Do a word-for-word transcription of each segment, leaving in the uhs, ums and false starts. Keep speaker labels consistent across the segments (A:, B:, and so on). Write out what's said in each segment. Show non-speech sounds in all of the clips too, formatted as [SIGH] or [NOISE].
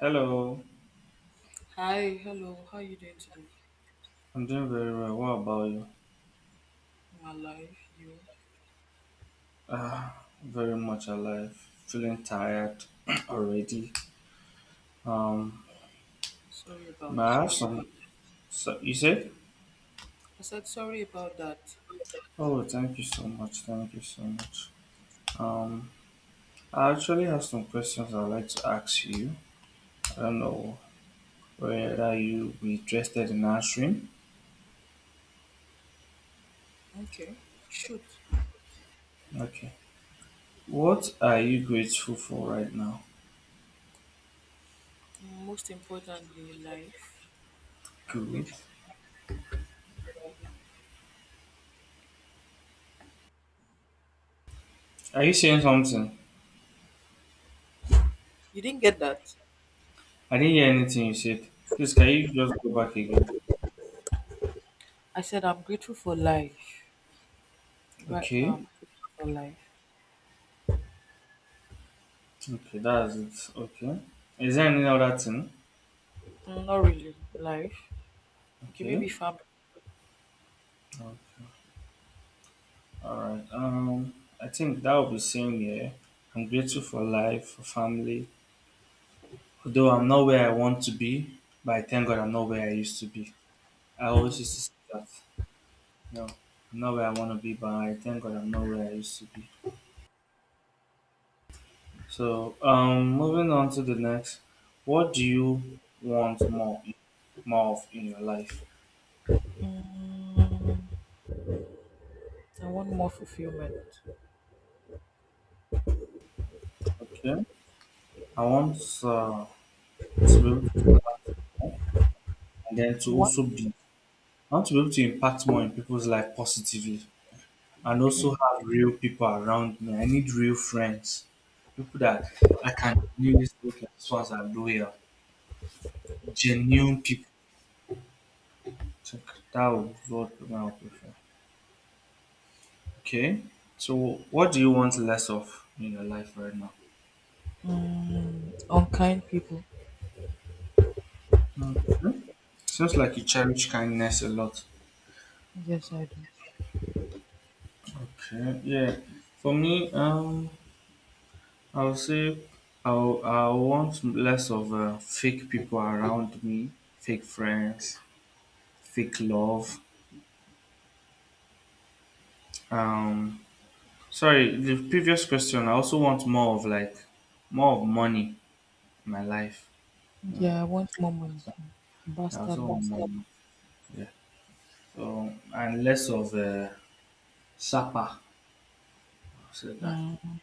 A: Hello,
B: Hi, hello. How you doing today?
A: I'm doing very well. What about you?
B: My life, you?
A: Ah, very much alive. Feeling tired [CLEARS THROAT] already. Um,
B: I'm sorry
A: may
B: about
A: I
B: that.
A: have some? So you said?
B: I said sorry about that.
A: Oh, thank you so much. Thank you so much. Um, I actually have some questions I'd like to ask you. I don't know whether you be interested in answering.
B: Okay. Shoot.
A: Okay. What are you grateful for right now?
B: Most importantly, life. I'm
A: Good.
B: grateful for right now.
A: Are you saying something?
B: You didn't get that.
A: I didn't hear anything you said. Please, can you just go back again?
B: I said I'm grateful for life. Right now,
A: Okay.
B: I'm grateful for life.
A: Okay, that's it. Okay. Is there any other thing?
B: Mm, Not really. Life. Okay, maybe
A: Okay.
B: family.
A: Okay. All right. Um, I think that will be same here. I'm grateful for life, for family. Although I'm not where I want to be, but I thank God I'm not where I used to be. I always used to say that. No, I'm not where I want to be, but I thank God I'm not where I used to be. So, um, moving on to the next. What do you want more, more of in your life?
B: Mm, I want more fulfillment.
A: Okay. I want uh, to be able to and then to
B: You want?
A: also be I want to be able to impact more in people's life positively and also
B: Okay.
A: have real people around me. I need real friends. People that I can genuinely say, okay, these ones are loyal. Genuine people. So that would be what I would prefer. Okay. So what do you want less of in your life right now?
B: Mm, unkind people.
A: Okay. Seems like you cherish kindness a lot.
B: Yes, I do.
A: Okay. Yeah. For me, um I would say I, w- I want less of uh, fake people around me, fake friends, fake love. Um, sorry, the previous question. I also want more of like more of money in my life. Mm.
B: Yeah, I want more money.
A: I
B: Bastard
A: also want
B: money.
A: more. Money. Yeah. So and less of uh, sapa. I'll say that.
B: Mm.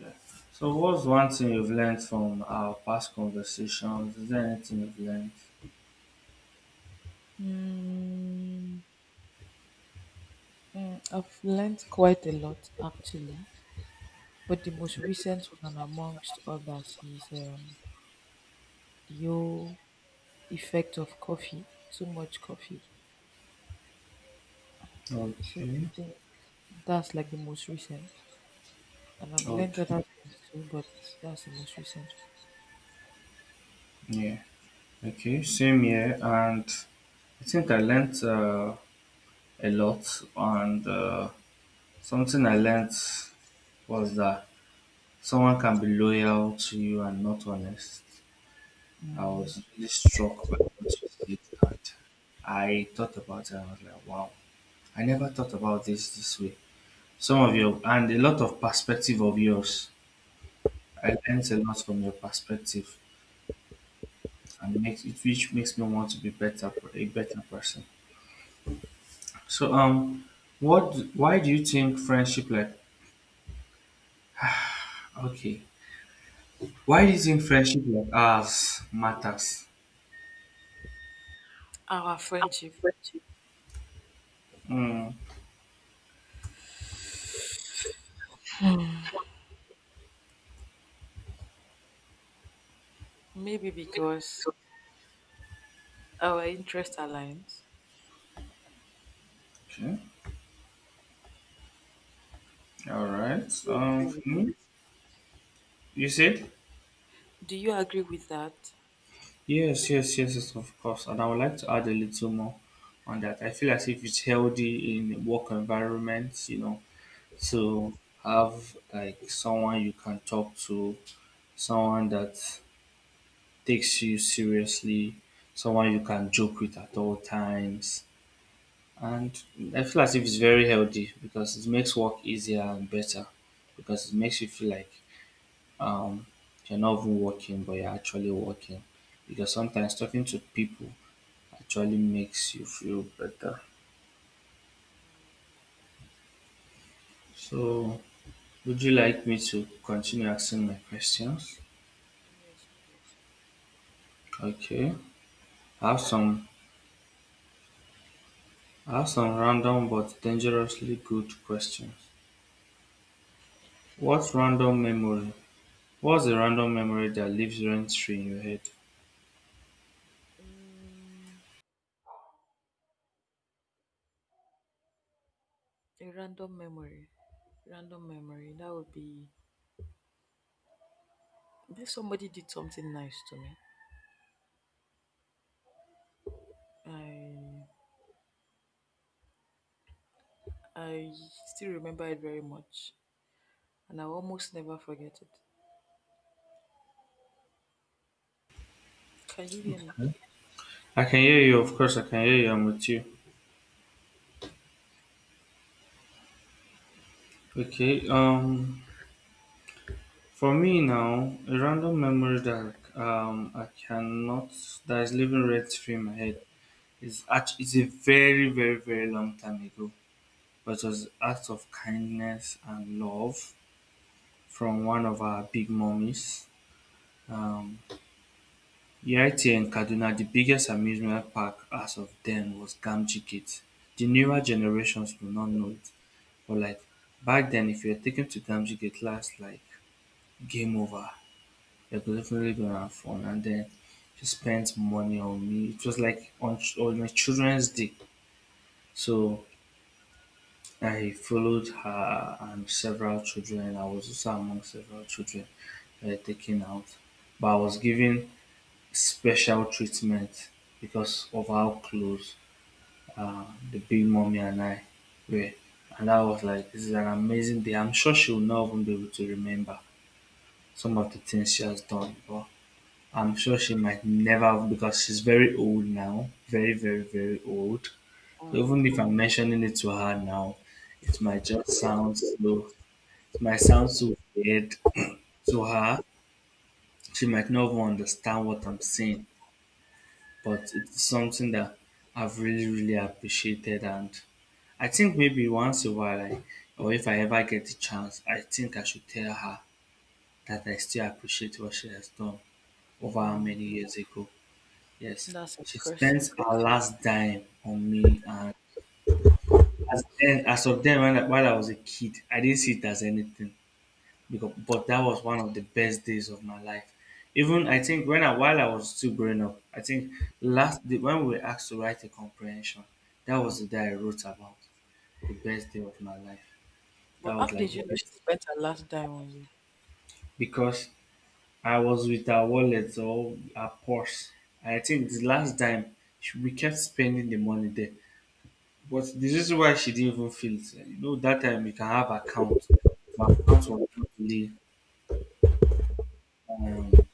A: Yeah. So what's one thing you've learned from our past conversations? Is there anything you've learned?
B: Mm, mm, I've learned quite a lot actually, but the most recent one amongst others is um, the whole effect of coffee, too much coffee. So I
A: Okay.
B: think that's like the most recent, and I've learned
A: Okay.
B: other things too, but that's the most recent.
A: Yeah. Okay, same here, and I think I learned uh, a lot. And uh, something I learned was that someone can be loyal to you and not honest. I
B: Mhm.
A: was really struck by what you said, and I thought about it. I was like, wow, I never thought about this this way. Some of your and a lot of perspective of yours. I learned a lot from your perspective, and it makes it which makes me want to be better a better person. So um, what? Why do you think friendship like? Okay, why do you think friendship like ours matters?
B: Our friendship,
A: Mm,
B: maybe because our interest aligns.
A: okay, all right.
B: Do you
A: Um,
B: agree with
A: for you said
B: do you agree with that?
A: yes, yes, yes, yes, of course. And I would like to add a little more on that. I feel as if it's healthy in work environments, you know, to have like someone you can talk to, someone that takes you seriously, someone you can joke with at all times. And I feel as if it's very healthy because it makes work easier and better because it makes you feel like um, you're not even working but you're actually working. Because sometimes talking to people actually makes you feel better. So, would you like me to continue asking my questions?
B: Yes, please.
A: Okay. I have some I have some random but dangerously good questions. What's random memory? What's a random memory that lives rent free in your head?
B: Mm, a random memory. Random memory. That would be if somebody did something nice to me. I I still remember it very much, and I almost never forget it. Can you hear me?
A: I can hear you, of course I can hear you, I'm with you. Okay, um for me now, a random memory that um I cannot that is living rent free in my head is actually is a very, very, very long time ago. But it was acts of kindness and love from one of our big mummies. Um here in Kaduna, the biggest amusement park as of then was Gamji Gate. The newer generations will not know it. But like back then, if you're taken two times, you get last like game over. You're definitely gonna have fun, and then she spent money on me. It was like on on my children's day, so I followed her and several children. I was also among several children that were taken out, but I was given special treatment because of how close uh, the big mommy and I were, and I was like this is an amazing day. I'm sure she will not even be able to remember some of the things she has done, but I'm sure she might never have because she's very old now, very, very, very old. So even if
B: Um,
A: I'm mentioning it to her now, it might just sound so, it might sound so weird to her. She might not even understand what I'm saying, but it's something that I've really, really appreciated. And I think maybe once in a while, I, or if I ever get the chance, I think I should tell her that I still appreciate what she has done over how
B: hmm,
A: many years ago. Yes,
B: that's
A: she
B: impressive.
A: spent her last dime on me, and as then, as of then, when I, while I was a kid, I didn't see it as anything. Because, but that was one of the best days of my life. Even I think when I while I was still growing up, I think last the, when we were asked to write a comprehension, that was the day I wrote about the best day of my life. That
B: But
A: was
B: how
A: like
B: did
A: the
B: you know she
A: best
B: spent her last dime on you?
A: because I was with her wallet or her purse. I think the last time we kept spending the money there. But the reason why she didn't even feel it, you know, that time you can have account, but account was not really, um,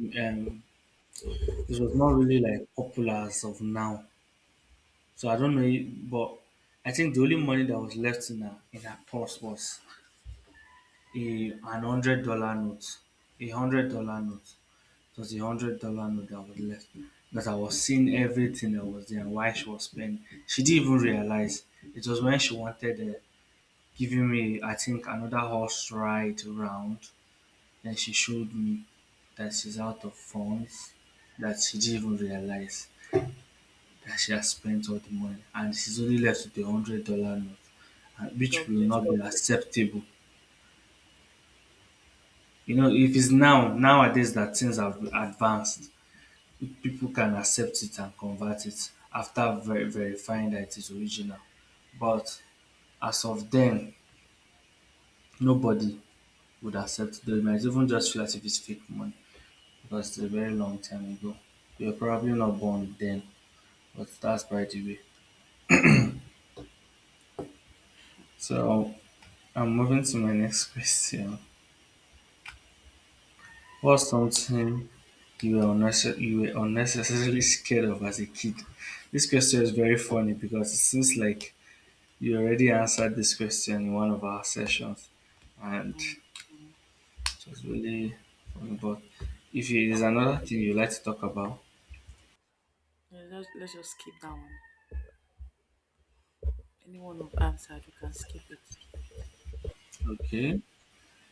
A: um, it was not really like popular as of now. So I don't know, it- but I think the only money that was left in her in her purse was a an hundred dollar note, a hundred dollar note. It was a hundred dollar note that was left. That I was seeing everything that was there and why she was spending. She didn't even realize. It was when she wanted uh, giving me, I think, another horse ride round. Then she showed me that she's out of funds, that she didn't even realize that she has spent all the money, and she's only left with the hundred dollar note, and which
B: God
A: will
B: bless
A: not be
B: you.
A: acceptable. You know, if it's now nowadays that things have advanced, people can accept it and convert it after ver- verifying that it is original. But as of then, nobody would accept the. It might even just feel as if it's fake money, because it's a very long time ago. You were probably not born then, but that's by the way. So I'm moving to my next [LAUGHS] question. What's something you were, unnecess- you were unnecessarily [LAUGHS] scared of as a kid? This question is very funny because it seems like you already answered this question in one of our sessions, and
B: Mm.
A: it was really funny. But if
B: We
A: it is
B: can move.
A: another thing you like to talk about,
B: Yeah, let's, let's just skip that one. Anyone who answered, we can skip it.
A: okay.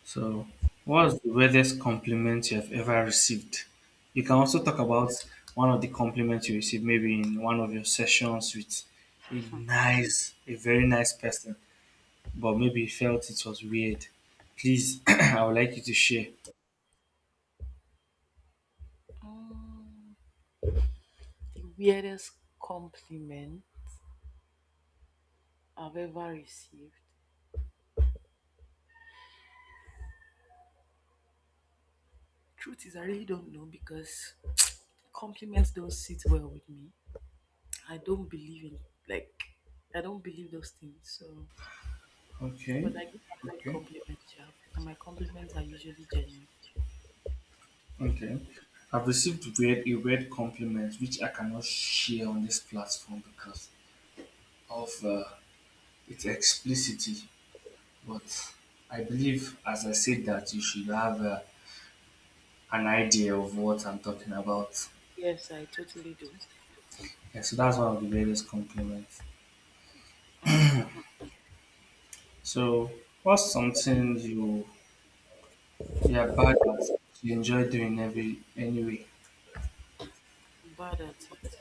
A: So, what's the weirdest compliment you have ever received? You can also
B: Mm.
A: talk about one of the compliments you received, maybe in one of your sessions with a
B: Hmm.
A: nice, a very nice person, but maybe you felt it was weird. Please, [CLEARS THROAT] I would like you to share.
B: Mm. The weirdest compliment I've ever received. Truth is, I really don't know because compliments don't sit well with me. I don't believe in like I don't believe those things. So,
A: Okay,
B: but I give out good
A: okay,
B: compliments, yeah, and my compliments are usually genuine.
A: okay. I've received weird, a weird compliment which I cannot share on this platform because of uh, its explicitity. But I believe, as I said, that
B: Please.
A: you should have uh, an idea of what I'm talking about.
B: Yes, I totally do.
A: Yeah, so that's one of the greatest compliments.
B: Okay,
A: So, what's something you you're bad at, you enjoy doing every anyway?
B: I'm bad at it.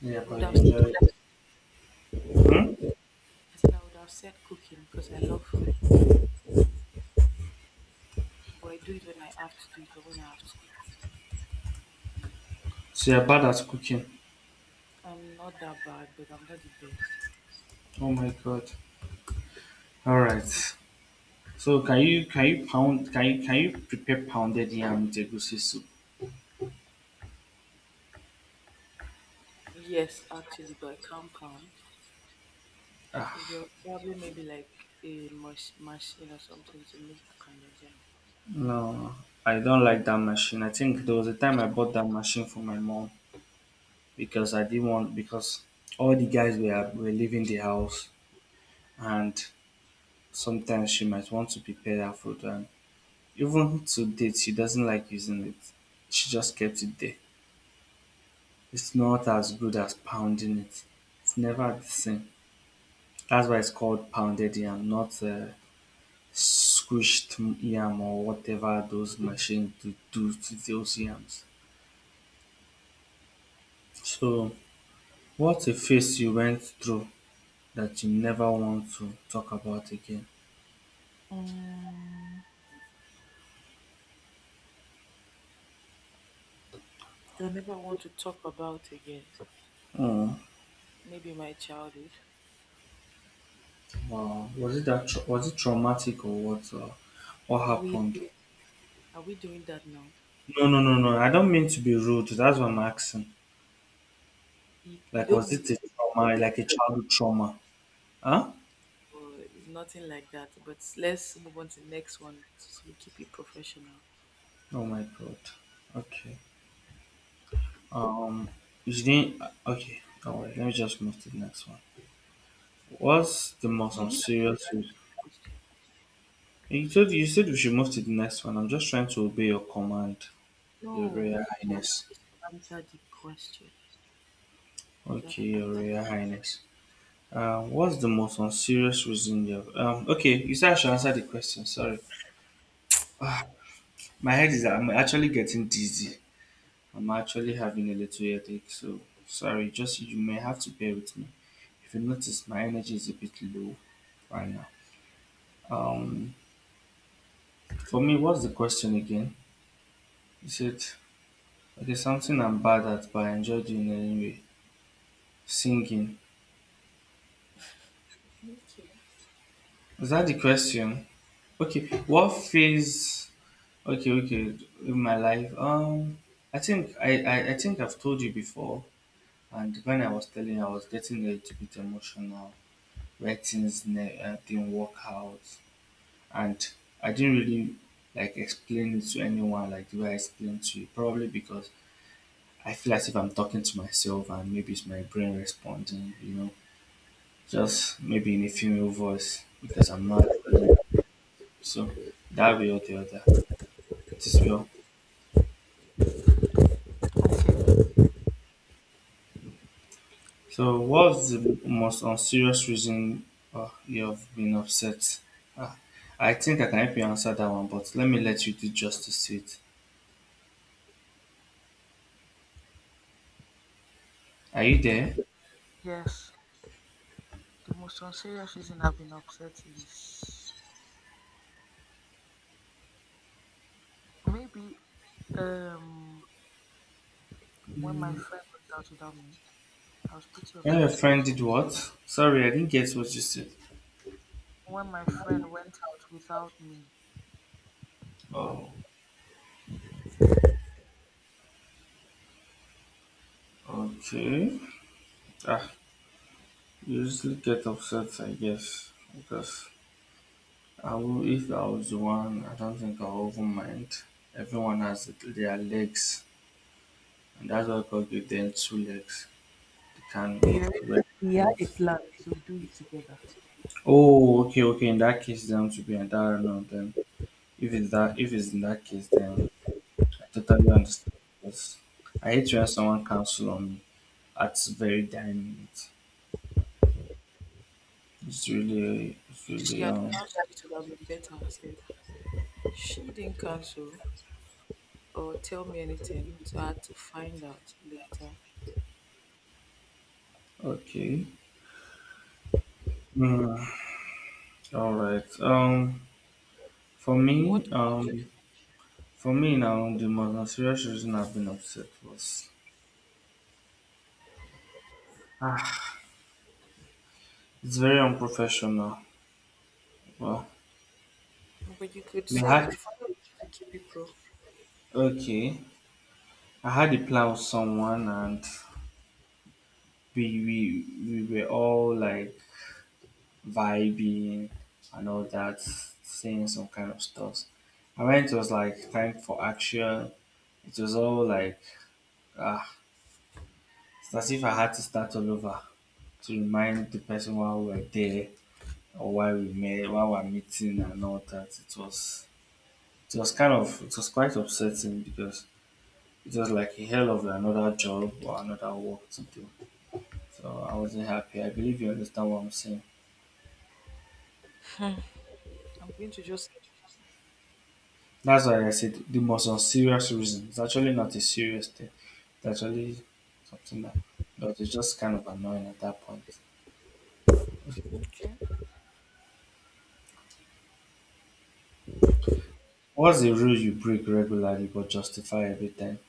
A: Yeah,
B: I
A: but
B: would
A: you
B: have said
A: enjoy
B: I
A: it. Hmm?
B: said I would have said cooking because I love food, but I do it when I have to do it or when I have to eat.
A: So you're bad at cooking.
B: I'm not that bad, but I'm not the best.
A: Oh my god. All right. So can you can you pound can you can you prepare pounded yam with egusi soup?
B: Yes, actually, but a compound. So there was probably maybe like a mush machine or something to make the pounded jam.
A: No, I don't like that machine. I think there was a time I bought that machine for my mom because I didn't want because all the guys were were leaving the house and sometimes she might want to prepare that food, and even to date she doesn't like using it, she just kept it there. It's not as good as pounding it. It's never the same. That's why it's called pounded yam, not uh, squished yam or whatever those machines do, do to those yams. So what's a phase you went through that you never want to talk about again?
B: Mm, I never want to talk about again.
A: Oh,
B: Maybe my childhood.
A: wow. Was it that tra- was it traumatic or what? Or what happened?
B: Really? Are we doing that now?
A: No, no, no, no. I don't mean to be rude. That's what I'm asking.
B: You, you
A: Like,
B: don't
A: was
B: mean
A: it
B: to,
A: a
B: but
A: trauma, like
B: that.
A: a childhood trauma? Huh?
B: Uh, it's nothing like that. But let's move on to the next one to, to keep it professional.
A: Oh my God. Okay. Um, you didn't. Okay. All right. Let me just move to the next one. What's the most
B: You didn't actually
A: unserious?
B: answer
A: Way-
B: the question.
A: You told you said we should move to the next one. I'm just trying to obey your command,
B: No,
A: Your
B: you were
A: Royal Highness.
B: supposed to answer the question. You
A: Okay,
B: gotta
A: Your
B: answer.
A: Royal Highness. Uh, what's the most unserious reason you have? Um, okay, you said I should answer the question. Sorry, my head is. I'm actually getting dizzy. I'm actually having a little headache, so sorry, just you may have to bear with me. If you notice, my energy is a bit low right now. Um, for me, what's the question again? Is it okay? Something I'm bad at, but I enjoy doing anyway. Singing. Is that the question? Okay. What phase? Okay, okay. In my life, um, I think I, I I think I've told you before, and when I was telling, you, I was getting a little bit emotional. Where things ne- uh, didn't work out, and I didn't really like explain it to anyone like the way I explained to you, probably because I feel as if I'm talking to myself and maybe it's my brain responding, you know, just maybe in a female voice because I'm not. Really, so that way or the other, it is well.
B: Okay.
A: So what's the most unserious reason uh, you have been upset? Uh, I think I can help you answer that one, but let me let you do justice to it. Are you
B: Okay.
A: there?
B: Yes, the most unserious reason I've been upset is maybe um when my friend went out without me, I was pretty
A: When your
B: upset.
A: friend did what? Sorry, I didn't get what you said.
B: When my friend went out without me,
A: Oh. Okay. Ah, usually get upset, I guess, because I will, if I was the one, I don't think I'll even mind. Everyone has their legs, and that's why God gave them two legs. They can
B: we
A: move
B: already-
A: correct
B: we had a
A: enough.
B: plan to do it together.
A: Oh, okay, okay. In that case, then to be an environment, then if it's that, if it's in that case, then I totally understand. Because I hate when someone counsel on me. That's very dynamite. It's really, it's
B: If she
A: really
B: had
A: um
B: cancelled, it would have been better. So she didn't cancel or tell me anything, so I had to find out later.
A: Okay. Hmm. All right. Um, for
B: What
A: me,
B: about
A: um, for me now, the most serious reason I've been upset was ah, it's very unprofessional. Well,
B: you? But you could
A: we
B: say it
A: had
B: finally to keep it pro.
A: okay. I had a plan with someone, and we we we were all like vibing and all that, saying some kind of stuff. And when it was like time for action, it was all like ah, it's as if I had to start all over to remind the person why we were there or why we met, why we're meeting and all that. It was it was kind of it was quite upsetting because it was like a hell of another job or another work to do. So I wasn't happy. I believe you understand what I'm saying.
B: I'm going to just
A: That's why I said the most unserious reason. It's actually not a serious thing. It's actually something that but it's just kind of annoying at that point.
B: say, okay.
A: What's the rule you break regularly but justify every time?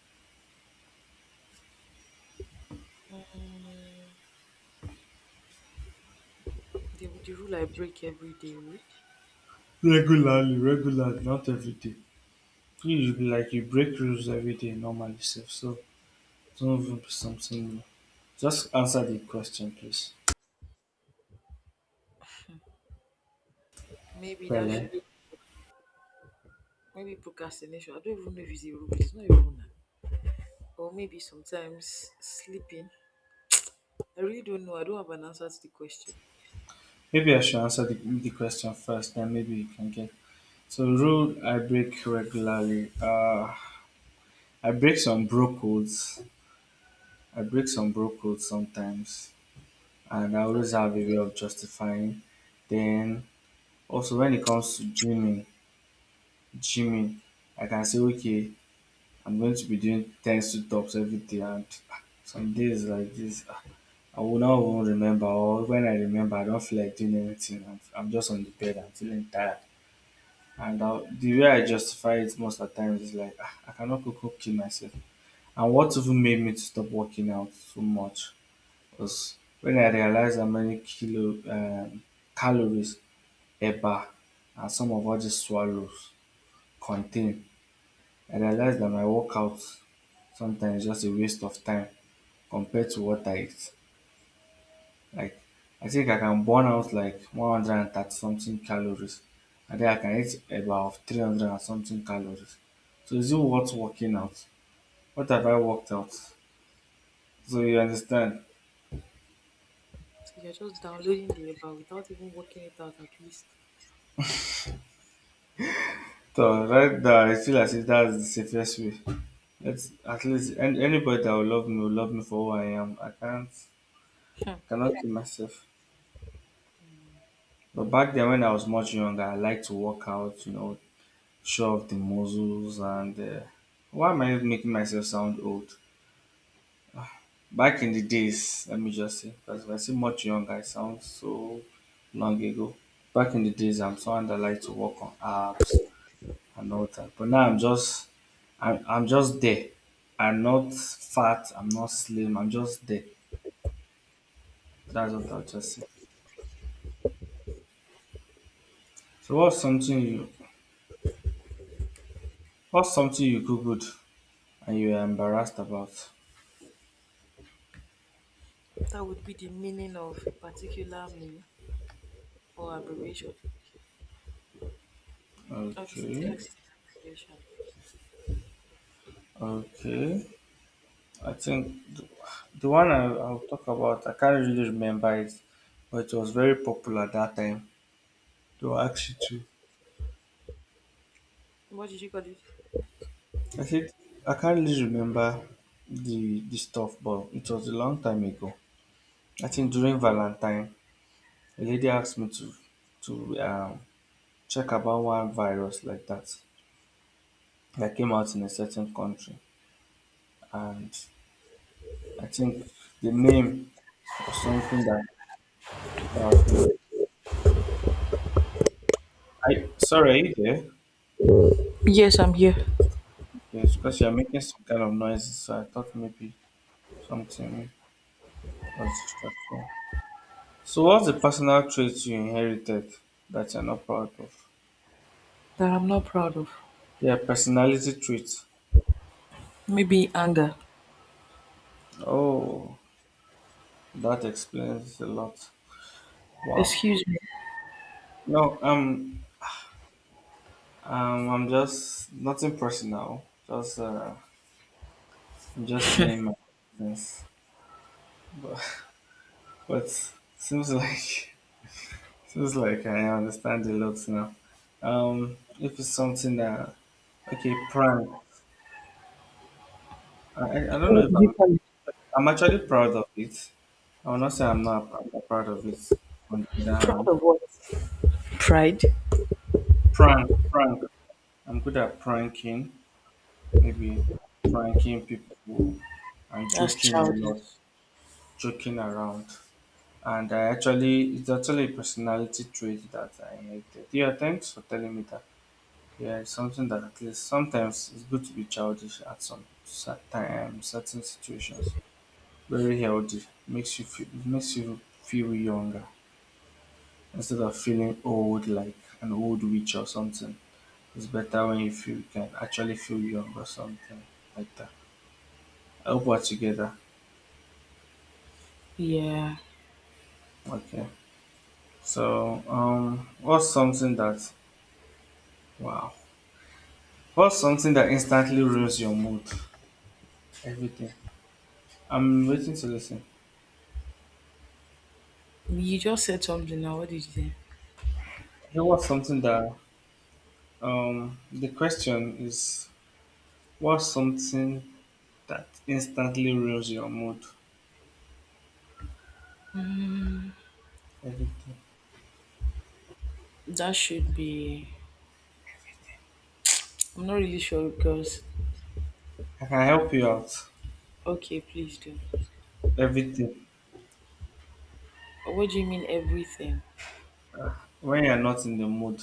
B: The, the rule I break every day, eh?
A: Regularly, regularly, not every day. You you be like you break rules every day normally, sef. So don't something. Just answer the question, please.
B: maybe that
A: Well,
B: should, Maybe procrastination. I don't even know if it's a rule, it's not a rule now. Or maybe sometimes sleeping. I really don't know. I don't have an answer to the question.
A: maybe I should answer the, the question first, then maybe you can get. So, rule I break regularly. Uh, I break some bro codes. I break some bro codes sometimes, and I
B: That
A: always have a way of justifying. Then, also when it comes to gymming, gymming, I can say, okay, I'm going to be doing ten sit ups every day, and some days like this, I will not even remember, or when I remember, I don't feel like doing anything. I'm, I'm just on the bed, I'm feeling tired. And uh, the way I justify it most of the times is like, "Ah, I cannot cook go kill myself. And what even made me to stop working out so much was when I realized how many kilo um, calories E B A and some of all these swallows contain. I realized that my workout sometimes is just a waste of time compared to what I eat. Like I think I can burn out like one hundred thirty something calories and then I can eat about three hundred and something calories. So is it worth working out? What have I worked out? So you understand?
B: so you're just downloading the app without even working it out, at least.
A: So right there, I feel as if that's the safest way. Let's at least an- anybody that will love me will love me for who I am. I can't
B: Hmm.
A: cannot be myself. But back then when I was much younger, I liked to work out, you know, show off the muscles and uh, why am I making myself sound old? Back in the days, let me just say, because if I say much younger, I sound so long ago. Back in the days, I'm someone that liked to work on apps and all that. But now I'm just, I'm, I'm just there. I'm not fat. I'm not slim. I'm just there. That's what I'll just say. So what's something you, what's something you googled and you are embarrassed about?
B: That would be the meaning of a particular meme or abbreviation, or this
A: Okay,
B: text abbreviation.
A: okay. I think the, the one I, I'll talk about, I can't really remember it, but it was very popular that time. They were asked you to.
B: What did you call it?
A: I said, I can't really remember the, the stuff, but it was a long time ago. I think
B: Mm.
A: during Valentine, a lady asked me to to um, check about one virus like that that came out in a certain country, and I think the name was something that, that was. I sorry, are you there?
B: Yes, I'm here.
A: Yes, because you're making some kind of noises, so I thought maybe something was distracting. So, what's the personal trait you inherited that you're not proud of?
B: That I'm not proud of.
A: Yeah, personality traits.
B: Maybe anger.
A: Oh, that explains a lot. Wow.
B: Excuse me.
A: No, um, um, I'm just nothing personal. Just uh, I'm just saying my business. But [LAUGHS] but seems like [LAUGHS] seems like I understand a lot now. Um, if it's something that okay, prank. I, I I don't know
B: What
A: if
B: did you
A: I'm
B: call it?
A: I'm actually proud of it. I will not say I'm not, I'm not proud of it. On the other
B: Proud
A: hand,
B: of what? Pride.
A: prank, prank. I'm good at pranking, maybe pranking people and
B: That's
A: joking a
B: childish.
A: lot, joking around. And I actually, it's actually a personality trait that I hated. Yeah, thanks for telling me that. Yeah, it's something that at least sometimes it's good to be childish at some certain, certain situations. Very healthy, makes you feel, makes you feel younger. Instead of feeling old like an old witch or something. It's better when you feel you can actually feel young or something like that. I hope we're together.
B: Yeah.
A: Okay. So um what's something that wow. What's something that instantly ruins your mood? Everything. I'm waiting to listen.
B: You just said something now. What did you say?
A: Okay, what's something that um the question is what's something that instantly ruins your mood? Everything.
B: That should be. I'm not really sure because.
A: I can help you out.
B: Okay, please do.
A: Everything.
B: What do you mean everything?
A: When you're not in the mood.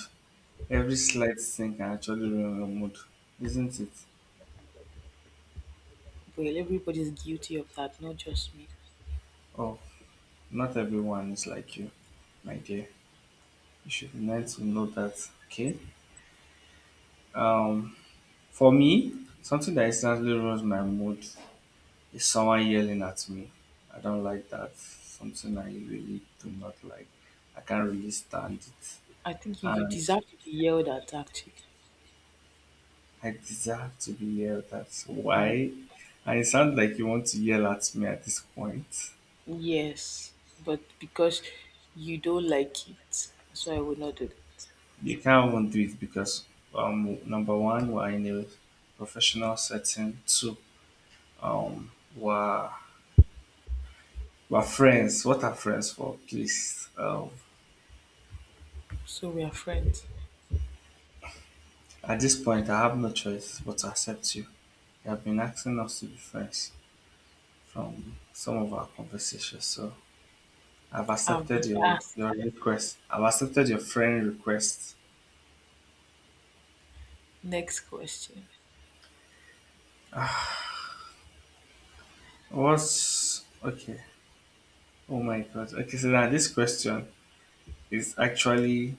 A: Every slight thing can actually ruin your mood, isn't it?
B: Well, everybody's guilty of that, not just me.
A: Oh, not everyone is like you, my dear. You should learn to know that, okay? Um, for me, something that instantly ruins my mood is someone yelling at me. I don't like that. Something I really do not like. I can't really stand it.
B: I think you, you
A: And
B: deserve to be yelled at, actually.
A: I deserve to be yelled at. Why? And it sounds like you want to yell at me at this point.
B: Yes, but because you don't like it, that's why I would not do that.
A: They can't won't do it because um number one we're in a professional setting. Two, um we're we're friends. What are friends for? Please. Um
B: So we are friends.
A: at this point I have no choice but to accept you. You have been asking us to be friends from some of our conversations. So I've
B: I've
A: accepted
B: been
A: your
B: asking.
A: your request. I've accepted your friend request.
B: Next question.
A: What's okay? Oh my god. Okay, so now this question is actually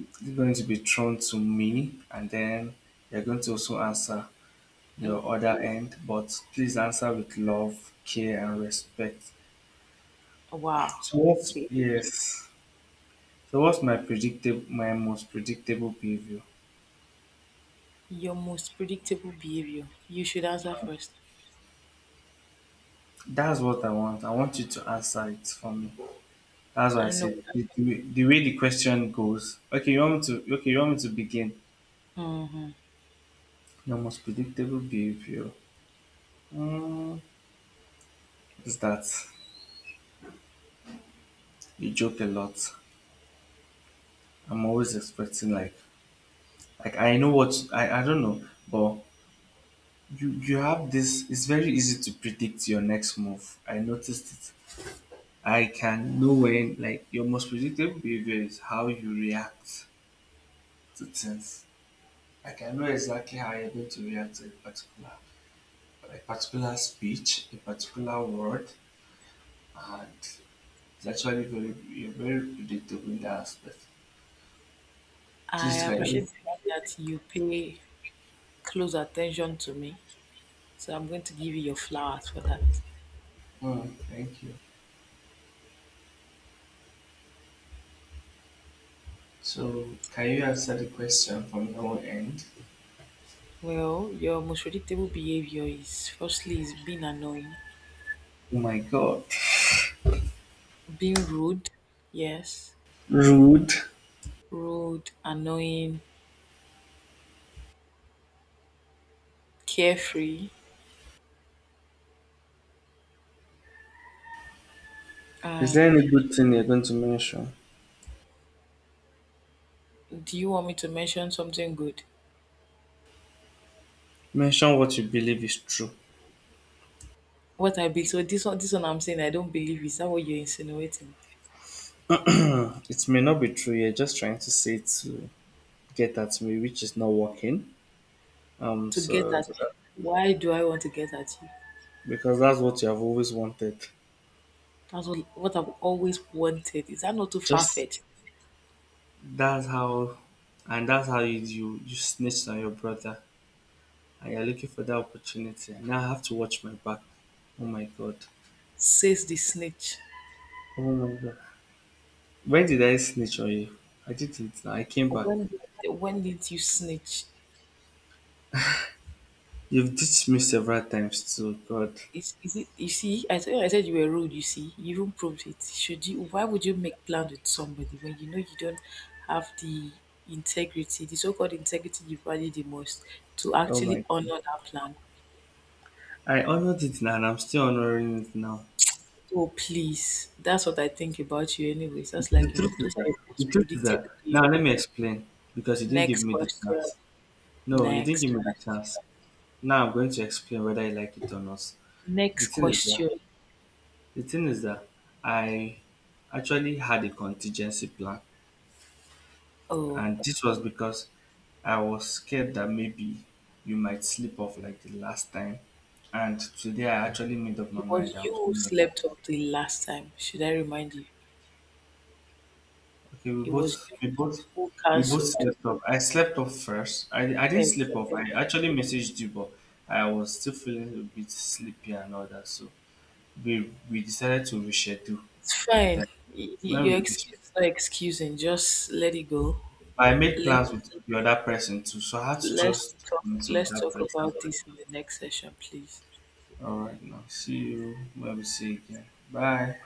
A: it's going to be thrown to me, and then you're going to also answer
B: Mm,
A: your other end, but please answer with love, care, and respect.
B: wow.
A: So what's yes? So what's my predictable, my most predictable behavior?
B: Your most predictable behavior? You should answer first.
A: That's what I want. I want you to answer it for me. That's why I
B: And
A: said
B: no,
A: the, the, way- the way the question goes. Okay, you want me to? Okay, you want me to begin?
B: mhm.
A: Your most predictable behavior mm, is that you joke a lot. I'm always expecting like Like I know what I, I don't know, but you you have this it's very easy to predict your next move. I noticed it. I can know when like your most predictable behavior is how you react to things. Like, I can know exactly how you're going to react to a particular a particular speech, a particular word, and it's actually very you're very predictable in that aspect.
B: I
A: Please can you
B: appreciate the fact that you pay close attention to me. So I'm going to give you your flowers for that.
A: hmm, thank you. So can you answer the question from your end?
B: Well, your most predictable behavior is firstly is being annoying,
A: Oh my god.
B: being rude, yes,
A: Rude.
B: rude, annoying, carefree,
A: Is there any
B: and
A: good thing you're going to mention?
B: do you want me to mention something good?
A: Mention what you believe is true.
B: What I be so this one, this one I'm saying I don't believe is that what you're insinuating?
A: It may not be true. You're just trying to say it to get at me, which is not working. Um,
B: To get
A: so so
B: at you.
A: that-
B: Why do I want to get at you?
A: because that's what you have always wanted.
B: That's what, what I've always wanted. Is that not too far
A: Just
B: fetched?
A: that's how, and that's how you you, you snitched on your brother, and you're looking for that opportunity. And now I have to watch my back. Oh my god.
B: Says the snitch.
A: Oh my god. When did I snitch on you? I didn't. I came back.
B: When did, when did you snitch?
A: You've ditched me several times too. God.
B: Is, is it you see? I said I said you were rude. You see, you even proved it. Should you? Why would you make plans with somebody when you know you don't have the integrity, the so-called integrity you value the most, to
A: Oh my
B: actually honor that plan?
A: I honored it now and I'm still honoring it now.
B: Oh please, that's what I think about you. Anyways, that's
A: The
B: like your,
A: truth is
B: those are
A: that
B: your
A: the
B: most
A: truth is that
B: predictable
A: now
B: behavior.
A: let me explain because you didn't give
B: Next
A: me the chance.
B: question.
A: No, you didn't
B: Next
A: give me the
B: question.
A: chance. Now I'm going to explain whether I like it or not. The
B: Next
A: thing is that
B: question.
A: the thing is that I actually had a contingency plan
B: Oh,
A: and this was because I was scared that maybe you might slip off like the last time. And today I actually made up my
B: it
A: mind
B: was
A: that I
B: you
A: was
B: who
A: going to
B: slept off the last time. Should I remind you?
A: okay, we
B: It
A: both
B: was you
A: we both
B: who
A: we both
B: cancelled.
A: slept off. I slept off first. I, I didn't sleep off. I
B: Exactly.
A: actually messaged you, but I was still feeling a bit sleepy and all that. So we we decided to reschedule.
B: It's fine.
A: Then
B: Y- y-
A: when
B: Your
A: we
B: excuse
A: reschedule,
B: is not excusing. Just let it go.
A: I made plans
B: Let's
A: with the other person too. So I had to
B: let's
A: just
B: talk.
A: do something with
B: Let's
A: that
B: talk
A: person.
B: about this in the next session, please.
A: All right, now see you when we see again. Bye.